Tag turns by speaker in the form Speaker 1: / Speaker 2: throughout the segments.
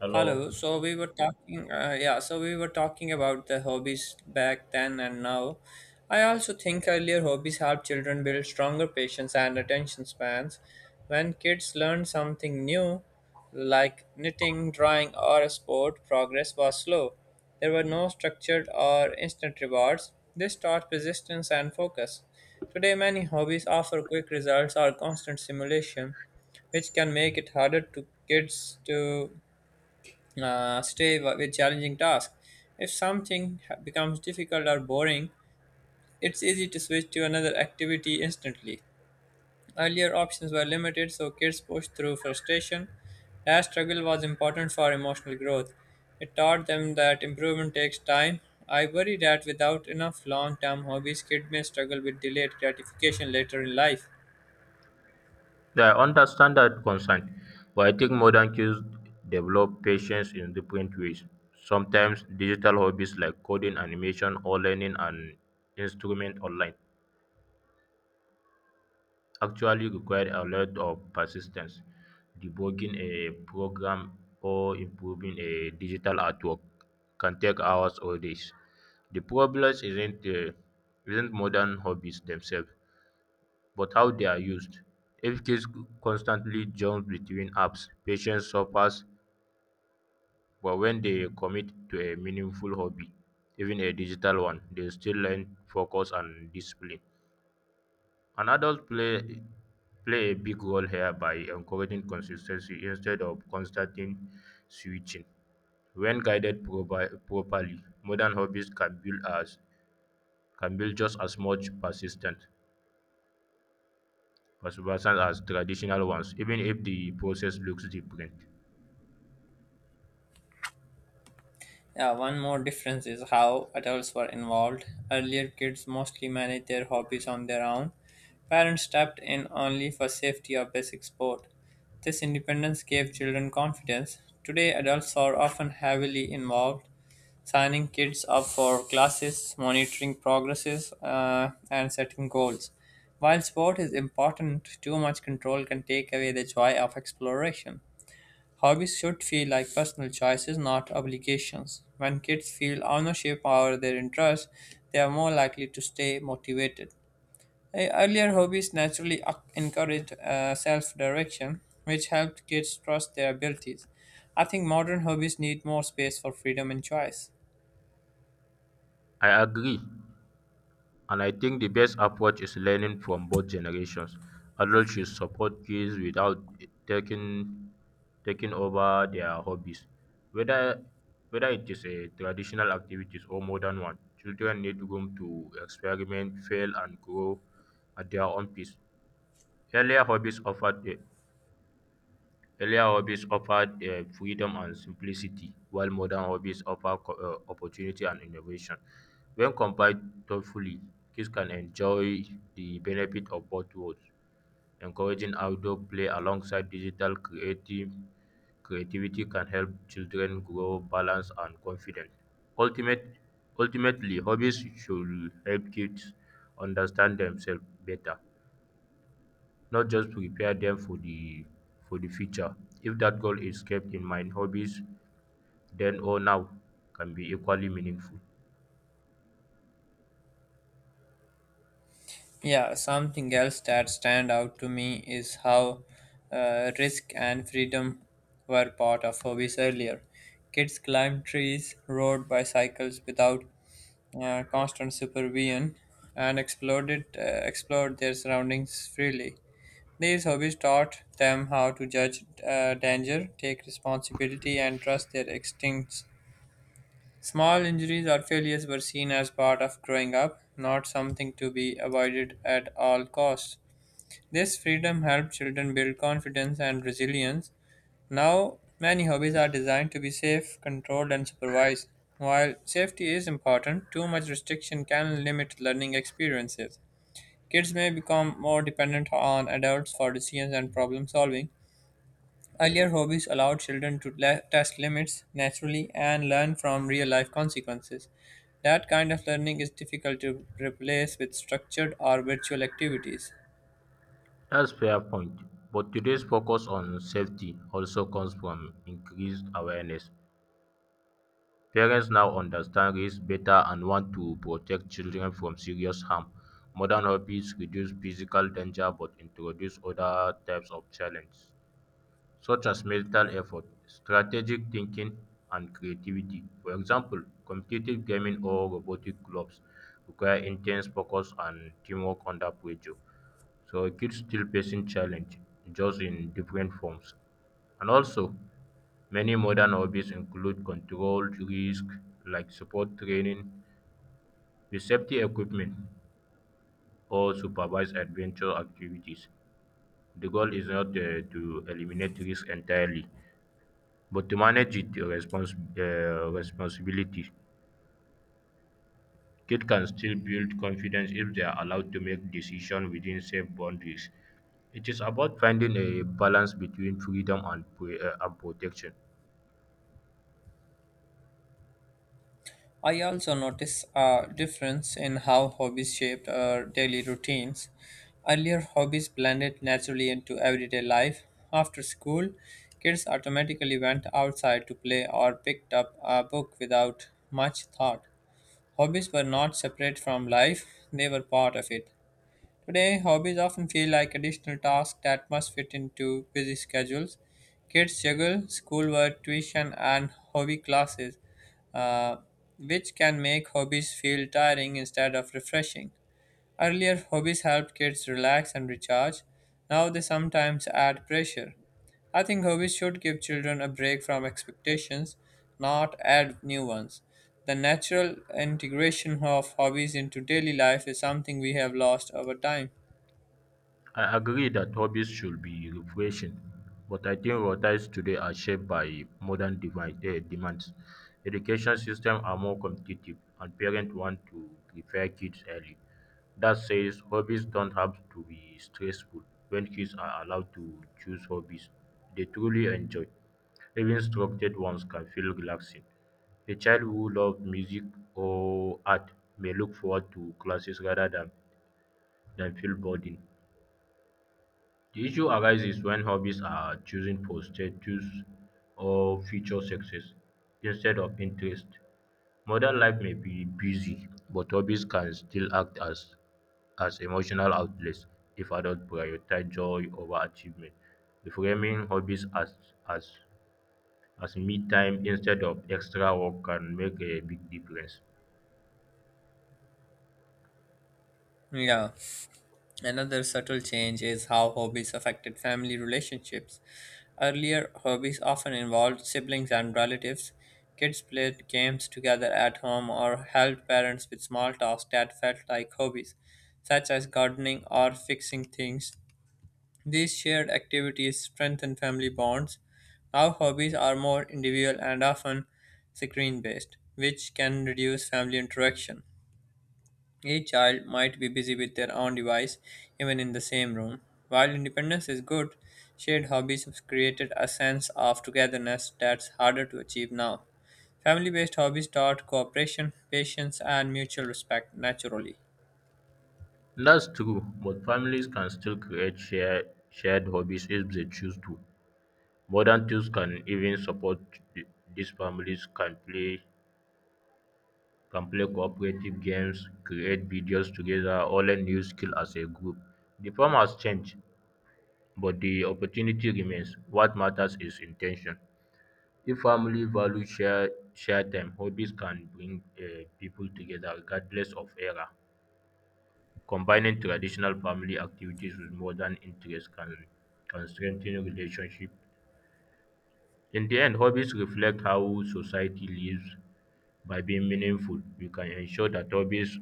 Speaker 1: Hello.
Speaker 2: Hello. So we were talking, yeah, we were talking about the hobbies back then and now. I also think earlier hobbies help children build stronger patience and attention spans. When kids learn something new, like knitting, drawing, or a sport, progress was slow. There were no structured or instant rewards. This taught persistence and focus. Today, many hobbies offer quick results or constant stimulation, which can make it harder to kids to stay with challenging tasks. If something becomes difficult or boring, it's easy to switch to another activity instantly. Earlier options were limited, so kids pushed through frustration. That struggle was important for emotional growth. It taught them that improvement takes time. I worry that without enough long term hobbies, kids may struggle with delayed gratification later in life.
Speaker 1: I understand that concern, but I think modern kids develop patience in different ways. Sometimes digital hobbies like coding, animation, or learning an instrument online actually require a lot of persistence. Debugging a program or improving a digital artwork can take hours or days. The problem isn't modern hobbies themselves, but how they are used. If kids constantly jump between apps, patience suffers, but when they commit to a meaningful hobby, even a digital one, they still learn focus and discipline. And adults play a big role here by encouraging consistency instead of constant switching. When properly, modern hobbies can build as can build just as much persistence as traditional ones, even if the process looks different.
Speaker 2: Yeah, one more difference is how adults were involved. Earlier, kids mostly managed their hobbies on their own. Parents stepped in only for safety or basic support. This independence gave children confidence. Today, adults are often heavily involved, signing kids up for classes, monitoring progresses, and setting goals. While sport is important, too much control can take away the joy of exploration. Hobbies should feel like personal choices, not obligations. When kids feel ownership over their interests, they are more likely to stay motivated. Earlier hobbies naturally encouraged self direction, which helped kids trust their abilities. I think modern hobbies need more space for freedom and choice.
Speaker 1: I agree, and I think the best approach is learning from both generations. Adults should support kids without taking taking over their hobbies, whether whether it is a traditional activities or modern one. Children need room to experiment, fail, and grow at their own pace. Earlier hobbies offered a, Earlier hobbies offered freedom and simplicity, while modern hobbies offer opportunity and innovation. When combined thoughtfully, kids can enjoy the benefit of both worlds. Encouraging outdoor play alongside digital creative creativity can help children grow balanced and confident. Ultimate, ultimately, hobbies should help kids understand themselves better, not just prepare them for the future. If that goal is kept in mind, hobbies then or now can be equally meaningful.
Speaker 2: Yeah, something else that stand out to me is how risk and freedom were part of hobbies earlier. Kids climbed trees, rode bicycles without constant supervision, and explored their surroundings freely. These hobbies taught them how to judge danger, take responsibility, and trust their instincts. Small injuries or failures were seen as part of growing up, not something to be avoided at all costs. This freedom helped children build confidence and resilience. Now, many hobbies are designed to be safe, controlled, and supervised. While safety is important, too much restriction can limit learning experiences. Kids may become more dependent on adults for decisions and problem solving. Earlier hobbies allowed children to test limits naturally and learn from real life consequences. That kind of learning is difficult to replace with structured or virtual activities.
Speaker 1: That's fair point. But today's focus on safety also comes from increased awareness. Parents now understand risk better and want to protect children from serious harm. Modern hobbies reduce physical danger but introduce other types of challenge, such as mental effort, strategic thinking, and creativity. For example, competitive gaming or robotic clubs require intense focus and teamwork under pressure. So kids still facing challenge, just in different forms. And also, many modern hobbies include controlled risk, like sport training, with safety equipment, or supervised adventure activities. The goal is not to eliminate risk entirely, but to responsibility. Kids can still build confidence if they are allowed to make decisions within safe boundaries. It is about finding a balance between freedom and protection.
Speaker 2: I also notice a difference in how hobbies shaped our daily routines. Earlier, hobbies blended naturally into everyday life. After school, kids automatically went outside to play or picked up a book without much thought. Hobbies were not separate from life, they were part of it. Today, hobbies often feel like additional tasks that must fit into busy schedules. Kids juggle schoolwork, tuition, and hobby classes, uh, which can make hobbies feel tiring instead of refreshing. Earlier, hobbies helped kids relax and recharge. Now, they sometimes add pressure. I think hobbies should give children a break from expectations, not add new ones. The natural integration of hobbies into daily life is something we have lost over time.
Speaker 1: I agree that hobbies should be refreshing, but I think our lives today are shaped by demands. Education systems are more competitive, and parents want to prepare kids early. That says hobbies don't have to be stressful. When kids are allowed to choose hobbies they truly enjoy, even structured ones can feel relaxing. A child who loves music or art may look forward to classes than feel burdened. The issue arises when hobbies are chosen for status or future success instead of interest. Modern life may be busy, but hobbies can still as emotional outlets if adults prioritize joy over achievement. Reframing as, as me time instead of extra work can make a big difference.
Speaker 2: Yeah. Another subtle change is how hobbies affected family relationships. Earlier, hobbies often involved siblings and relatives. Kids played games together at home or helped parents with small tasks that felt like hobbies, such as gardening or fixing things. These shared activities strengthen family bonds. Now, hobbies are more individual and often screen based, which can reduce family interaction. Each child might be busy with their own device, even in the same room. While independence is good, shared hobbies have created a sense of togetherness that's harder to achieve now. Family based hobbies taught cooperation, patience, and mutual respect naturally.
Speaker 1: That's true, but families can still shared hobbies if they choose to. Modern tools can even support th- these families can play cooperative games, create videos together, or learn new skill as a group. The form has changed, but the opportunity remains. What matters is intention. If family values share time, hobbies can bring people together regardless of era. Combining traditional family activities with modern interests can strengthen relationship. In the end, hobbies reflect how society lives. By being meaningful, we can ensure that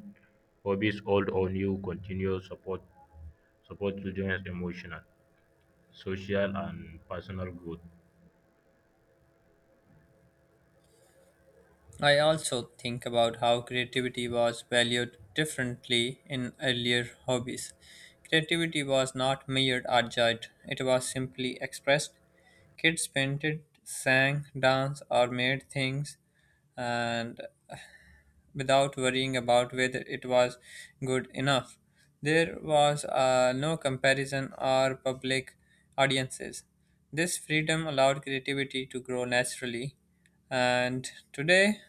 Speaker 1: hobbies old or new, continue support children's emotional, social, and personal growth.
Speaker 2: I also think about how creativity was valued differently in earlier hobbies. Creativity was not measured or judged, it was simply expressed. Kids painted, sang, danced, or made things, and without worrying about whether it was good enough. There was no comparison or public audiences. This freedom allowed creativity to grow naturally, and today,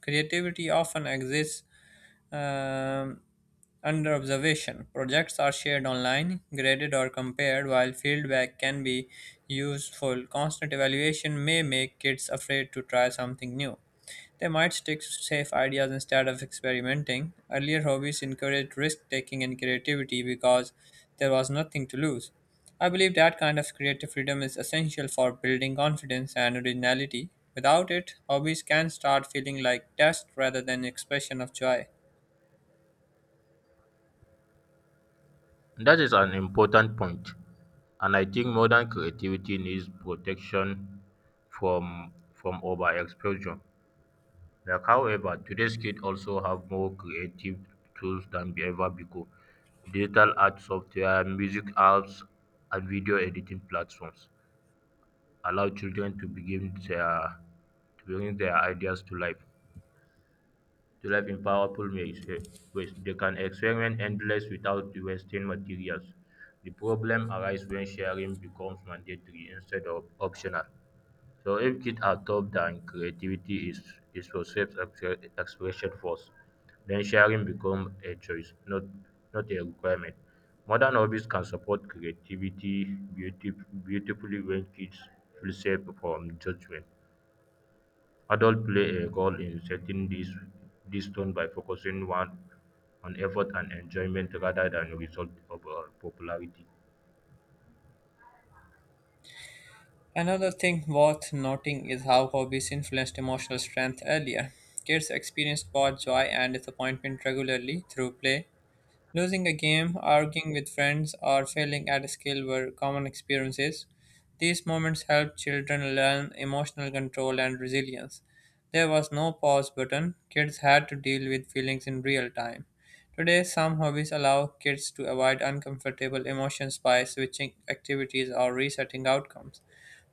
Speaker 2: creativity often exists um, under observation. Projects are shared online, graded, or compared, while feedback can be useful. Constant evaluation may make kids afraid to try something new. They might stick to safe ideas instead of experimenting. Earlier hobbies encouraged risk taking and creativity because there was nothing to lose. I believe that kind of creative freedom is essential for building confidence and originality. Without it, hobbies can start feeling like tests rather than expression of joy.
Speaker 1: That is an important point, and I think modern creativity needs protection from from overexposure. Like, however, today's kids also have more creative tools than ever before, digital art software, music apps, and video editing platforms allow children to begin their to bring their ideas to life in powerful ways. They can experiment endless without wasting materials. The problem arises when sharing becomes mandatory instead of optional. So if kids are taught that creativity is for self-expression first, then sharing becomes a choice, not a requirement. Modern hobbies can support creativity beautif- beautifully when kids feel safe from judgment. Adults play a role in setting this these tone by focusing one on effort and enjoyment rather than result of popularity.
Speaker 2: Another thing worth noting is how hobbies influenced emotional strength earlier. Kids experienced both joy and disappointment regularly through play. Losing a game, arguing with friends, or failing at a skill were common experiences. These moments helped children learn emotional control and resilience. There was no pause button, kids had to deal with feelings in real time. Today, some hobbies allow kids to avoid uncomfortable emotions by switching activities or resetting outcomes.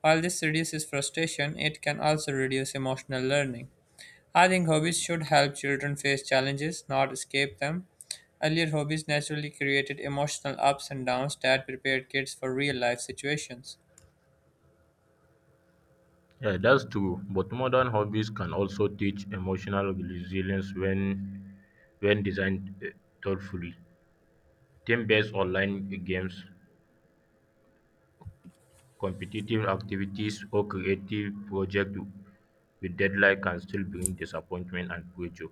Speaker 2: While this reduces frustration, it can also reduce emotional learning. I think hobbies should help children face challenges, not escape them. Earlier hobbies naturally created emotional ups and downs that prepared kids for real life situations.
Speaker 1: Yeah, that's true. But modern hobbies can also teach emotional resilience when designed thoughtfully. Team-based online games, competitive activities, or creative projects with deadline can still bring disappointment and pressure.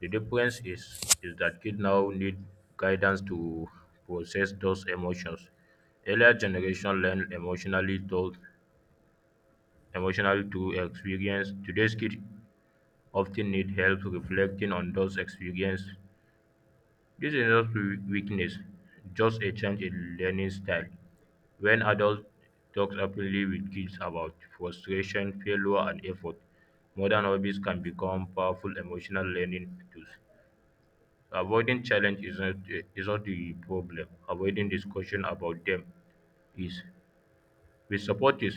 Speaker 1: The is that kids now need guidance to process those emotions. Earlier generation emotionally through experience. Today's kids often need help reflecting on those experiences. This is not weakness, just a change in learning style. When adults talk openly with kids about frustration, failure, and effort, modern hobbies can become powerful emotional learning tools. Avoiding challenge is not the problem. Avoiding discussion about them is. With support is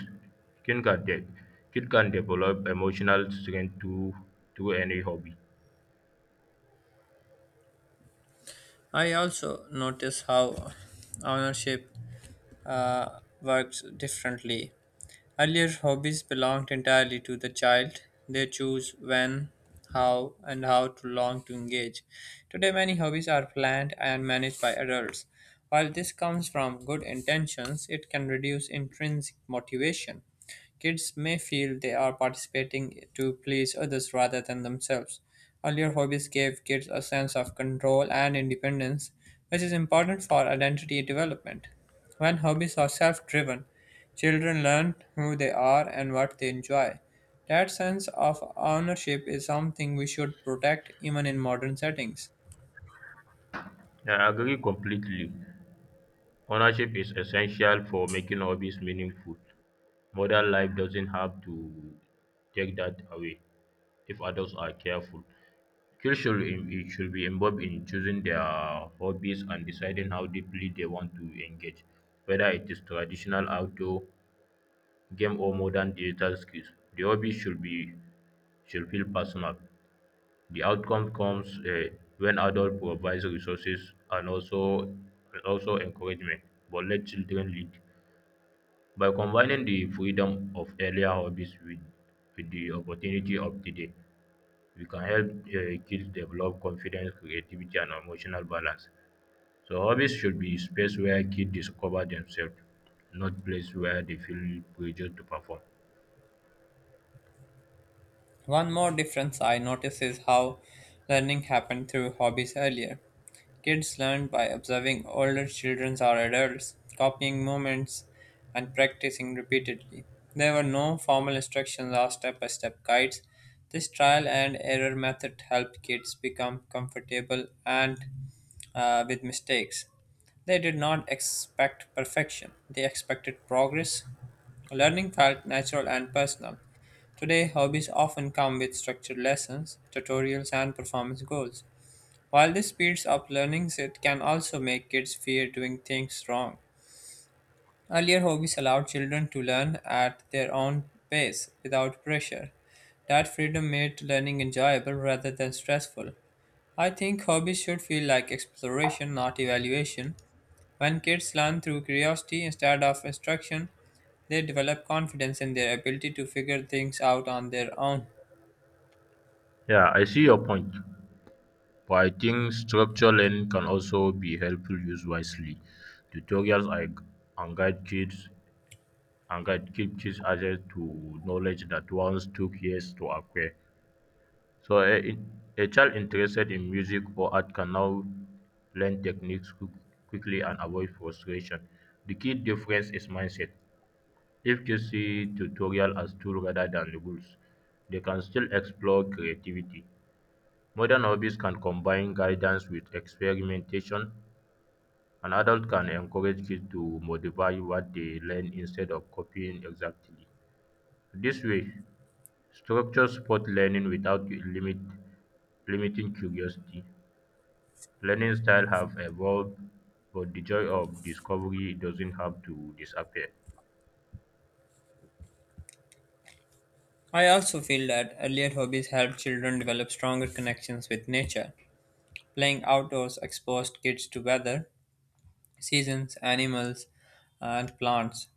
Speaker 1: kid can de- kid can develop emotional strength through any hobby.
Speaker 2: I also notice how ownership works differently. Earlier hobbies belonged entirely to the child. They choose when, how, and how to long to engage. Today, many hobbies are planned and managed by adults. While this comes from good intentions, it can reduce intrinsic motivation. Kids may feel they are participating to please others rather than themselves. Earlier hobbies gave kids a sense of control and independence, which is important for identity development. When hobbies are self driven, children learn who they are and what they enjoy. That sense of ownership is something we should protect even in modern settings.
Speaker 1: I agree completely. Ownership is essential for making hobbies meaningful. Modern life doesn't have to take that away if adults are careful. Kids should be involved in choosing their hobbies and deciding how deeply they want to engage, whether it is traditional outdoor game or modern digital skills. The hobby should be should feel personal. The outcome comes when adults provide resources and also encouragement, but let children lead. By combining the freedom of earlier with the opportunity of today, we can help kids develop confidence, creativity, and emotional balance. So hobbies should be space where kids discover themselves, not place where they feel pressured to perform.
Speaker 2: One more difference I notice is how learning happened through hobbies earlier. Kids learned by observing older children or adults, copying movements, and practicing repeatedly. There were no formal instructions or step by step guides. This trial and error method helped kids become comfortable and with mistakes. They did not expect perfection, they expected progress. Learning felt natural and personal. Today, hobbies often come with structured lessons, tutorials, and performance goals. While this speeds up learning, it can also make kids fear doing things wrong. Earlier, hobbies allowed children to learn at their own pace without pressure. That freedom made learning enjoyable rather than stressful. I think hobbies should feel like exploration, not evaluation. When kids learn through curiosity instead of instruction, they develop confidence in their ability to figure things out on their own.
Speaker 1: Yeah, I see your point, but I think structured learning can also be helpful used wisely. Tutorials are, and guide kids and guide keep kids access to knowledge that once took years to acquire. So a child interested in music or art can now learn techniques quickly and avoid frustration. The key difference is mindset. If kids see tutorial as tool rather than rules, they can still explore creativity. Modern hobbies can combine guidance with experimentation, and adults can encourage kids to modify what they learn instead of copying exactly. This way, structure support learning without limiting curiosity. Learning styles have evolved, but the joy of discovery doesn't have to disappear.
Speaker 2: I also feel that earlier hobbies help children develop stronger connections with nature. Playing outdoors exposed kids to weather, seasons, animals, and plants.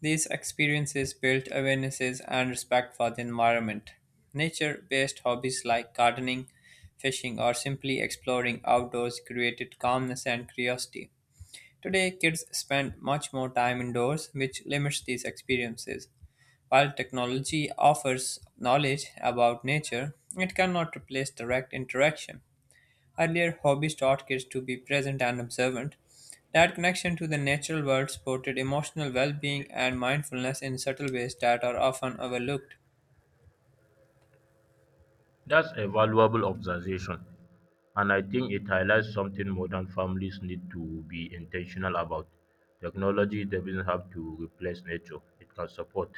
Speaker 2: These experiences built awarenesses and respect for the environment. Nature based hobbies like gardening, fishing, or simply exploring outdoors created calmness and curiosity. Today, kids spend much more time indoors, which limits these experiences. While technology offers knowledge about nature, it cannot replace direct interaction. Earlier, hobbies taught kids to be present and observant. That connection to the natural world supported emotional well being and mindfulness in subtle ways that are often overlooked.
Speaker 1: That's a valuable observation, and I think it highlights something modern families need to be intentional about. Technology doesn't have to replace nature, it can support.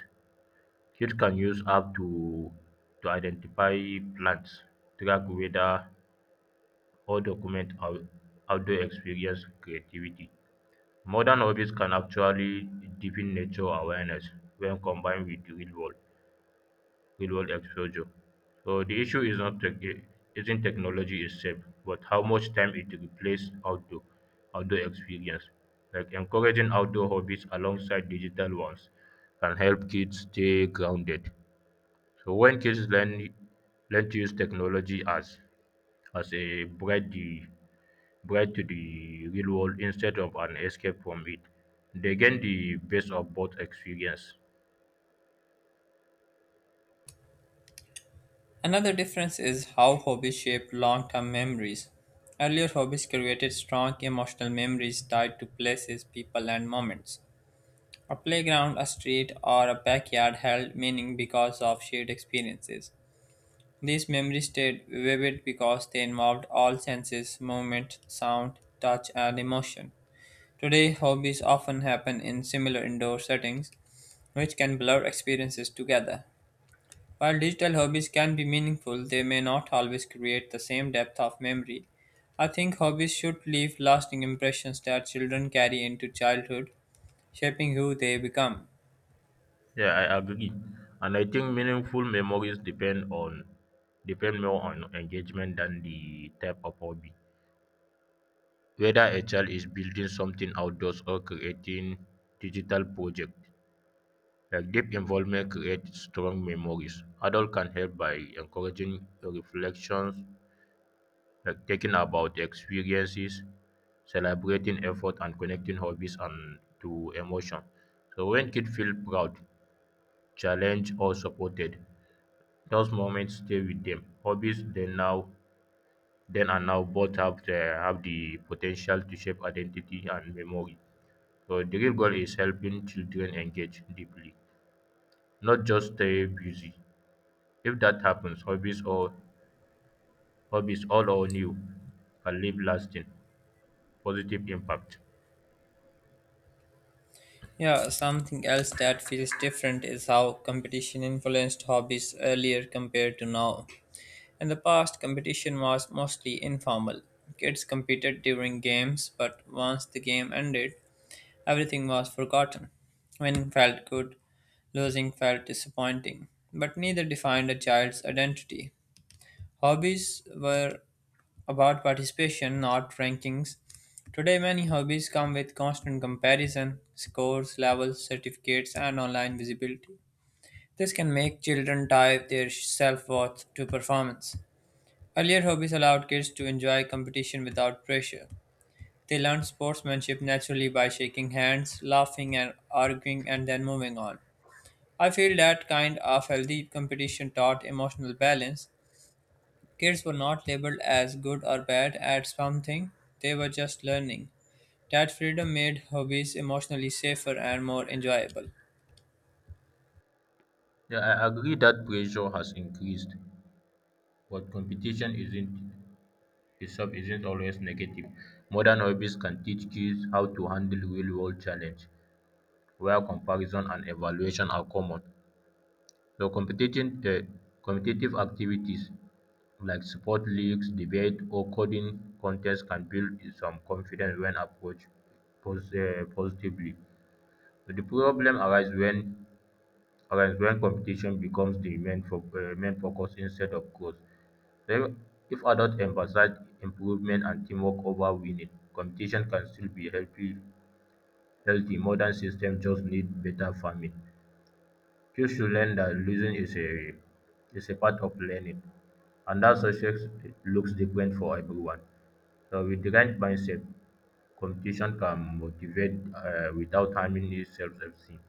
Speaker 1: Kids can to identify plants, track weather, or outdoor experience creativity. Modern hobbies can actually deepen nature awareness when combined with the real world exposure. So the issue is not tech, isn't technology itself, but how much time it replaces outdoor experience. Like encouraging outdoor hobbies alongside digital ones can help kids stay grounded. So when kids learn to use technology as a breadth bright to the real world instead of an escape from it. They gain the best of both experience.
Speaker 2: Another difference is how hobbies shape long term memories. Earlier hobbies created strong emotional memories tied to places, people, and moments. A playground, a street, or a backyard held meaning because of shared experiences. These memories stayed vivid because they involved all senses movement, sound, touch, and emotion. Today, hobbies often happen in similar indoor settings, which can blur experiences together. While digital hobbies can be meaningful, they may not always create the same depth of memory. I think hobbies should leave lasting impressions that children carry into childhood, shaping who they become.
Speaker 1: Yeah, I agree. And I think meaningful memories depend more on engagement than the type of hobby. Whether a child is building something outdoors or creating digital project, like deep involvement creates strong memories. Adult can help by encouraging reflections like talking about experiences, celebrating effort, and connecting hobbies and to emotion. So when kids feel proud, challenged, or supported, those moments stay with them. Hobbies they now then and now both have the potential to shape identity and memory. So the real goal is helping children engage deeply, not just stay busy. If that happens, hobbies all or new can leave lasting positive impact.
Speaker 2: Yeah, something else that feels different is how competition influenced hobbies earlier compared to now. In the past, competition was mostly informal. Kids competed during games, but once the game ended, everything was forgotten. Winning felt good, losing felt disappointing, but neither defined a child's identity. Hobbies were about participation, not rankings. Today, many hobbies come with constant comparison, scores, levels, certificates, and online visibility. This can make children tie their self worth to performance. Earlier, hobbies allowed kids to enjoy competition without pressure. They learned sportsmanship naturally by shaking hands, laughing, and arguing, and then moving on. I feel that kind of healthy competition taught emotional balance. Kids were not labeled as good or bad at something, they were just learning. That freedom made hobbies emotionally safer and more enjoyable.
Speaker 1: Yeah, I agree that pressure has increased, but competition isn't itself isn't always negative. Modern hobbies can teach kids how to handle real world challenge where comparison and evaluation are common. So competition competitive activities like sport leagues, debate or coding contests can build some confidence when approached positively. But the problem arises when competition becomes the main focus instead of growth. Re- If adults emphasize improvement and teamwork over winning, competition can still be healthy. Modern systems just need better farming. Kids should learn that is a part of learning and that success looks different for everyone. So, with the right mindset, competition can motivate without harming your self esteem.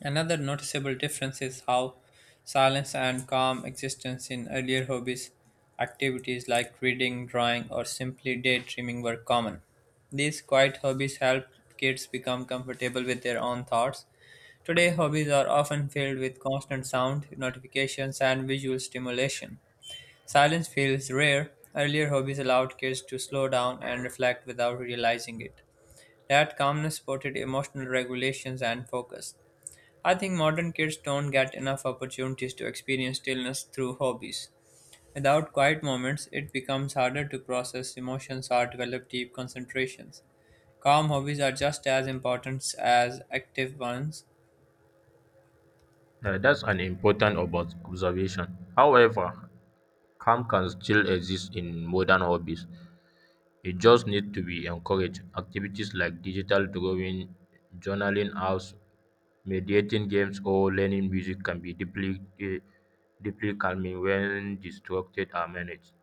Speaker 2: Another noticeable difference is how silence and calm existence in earlier hobbies. Activities like reading, drawing, or simply daydreaming were common. These quiet hobbies helped kids become comfortable with their own thoughts. Today, hobbies are often filled with constant sound, notifications, and visual stimulation. Silence feels rare. Earlier hobbies allowed kids to slow down and reflect without realizing it. That calmness supported emotional regulations and focus. I think modern kids don't get enough opportunities to experience stillness through hobbies. Without quiet moments, it becomes harder to process emotions or develop deep concentrations. Calm hobbies are just as important as active ones.
Speaker 1: That's an important about observation. However, calm can still exist in modern hobbies. It just needs to be encouraged. Activities like digital drawing, journaling apps, meditating games, or learning music can be deeply calming when distracted are managed.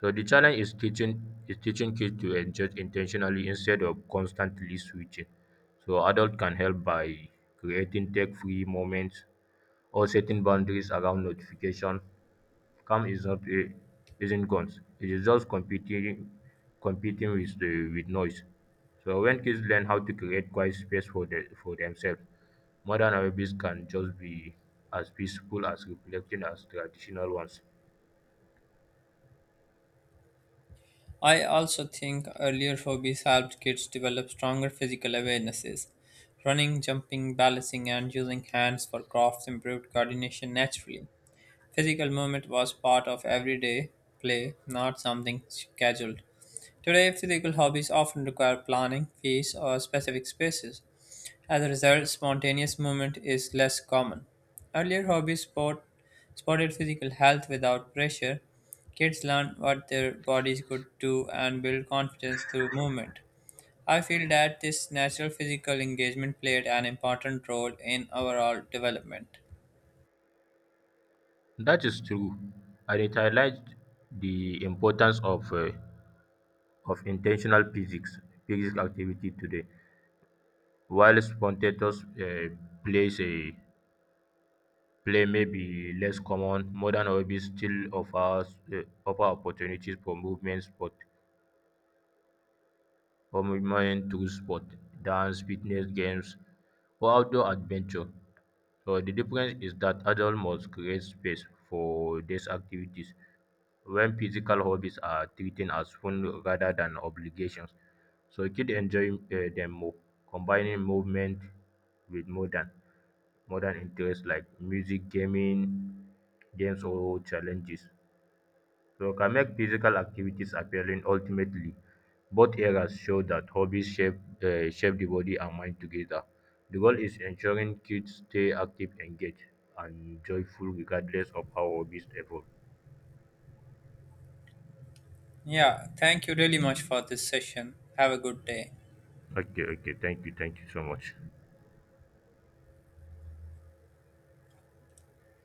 Speaker 1: So the challenge is teaching kids to engage intentionally instead of constantly switching. So adults can help by creating tech-free moments or setting boundaries around notification. Calm is not a isn't guns. It is just competing with the with noise. So when kids learn how to create quiet space for for themselves, modern hobbies can just be as peaceful as reflecting as traditional ones.
Speaker 2: I also think earlier hobbies helped kids develop stronger physical awarenesses. Running, jumping, balancing, and using hands for crafts improved coordination naturally. Physical movement was part of everyday play, not something scheduled. Today, physical hobbies often require planning, fees, or specific spaces. As a result, spontaneous movement is less common. Earlier hobbies supported physical health without pressure. Kids learn what their bodies could do and build confidence through movement. I feel that this natural physical engagement played an important role in overall development.
Speaker 1: That is true. And it highlights the importance of intentional physics activity today. While spontaneous plays a play may be less common, modern hobbies still offer opportunities for movement sports. Commitment to sport, dance, fitness, games, or outdoor adventure. So the difference is that adults must create space for these activities when physical hobbies are treated as fun rather than obligations. So kids enjoy them more, combining movement with modern interests like music, gaming, games or challenges. So can make physical activities appealing ultimately. Both eras show that hobbies shape the body and mind together. The goal is ensuring kids stay active, engaged, and joyful regardless of how hobbies evolve.
Speaker 2: Yeah, thank you really much for this session. Have a good day.
Speaker 1: Okay, thank you so much.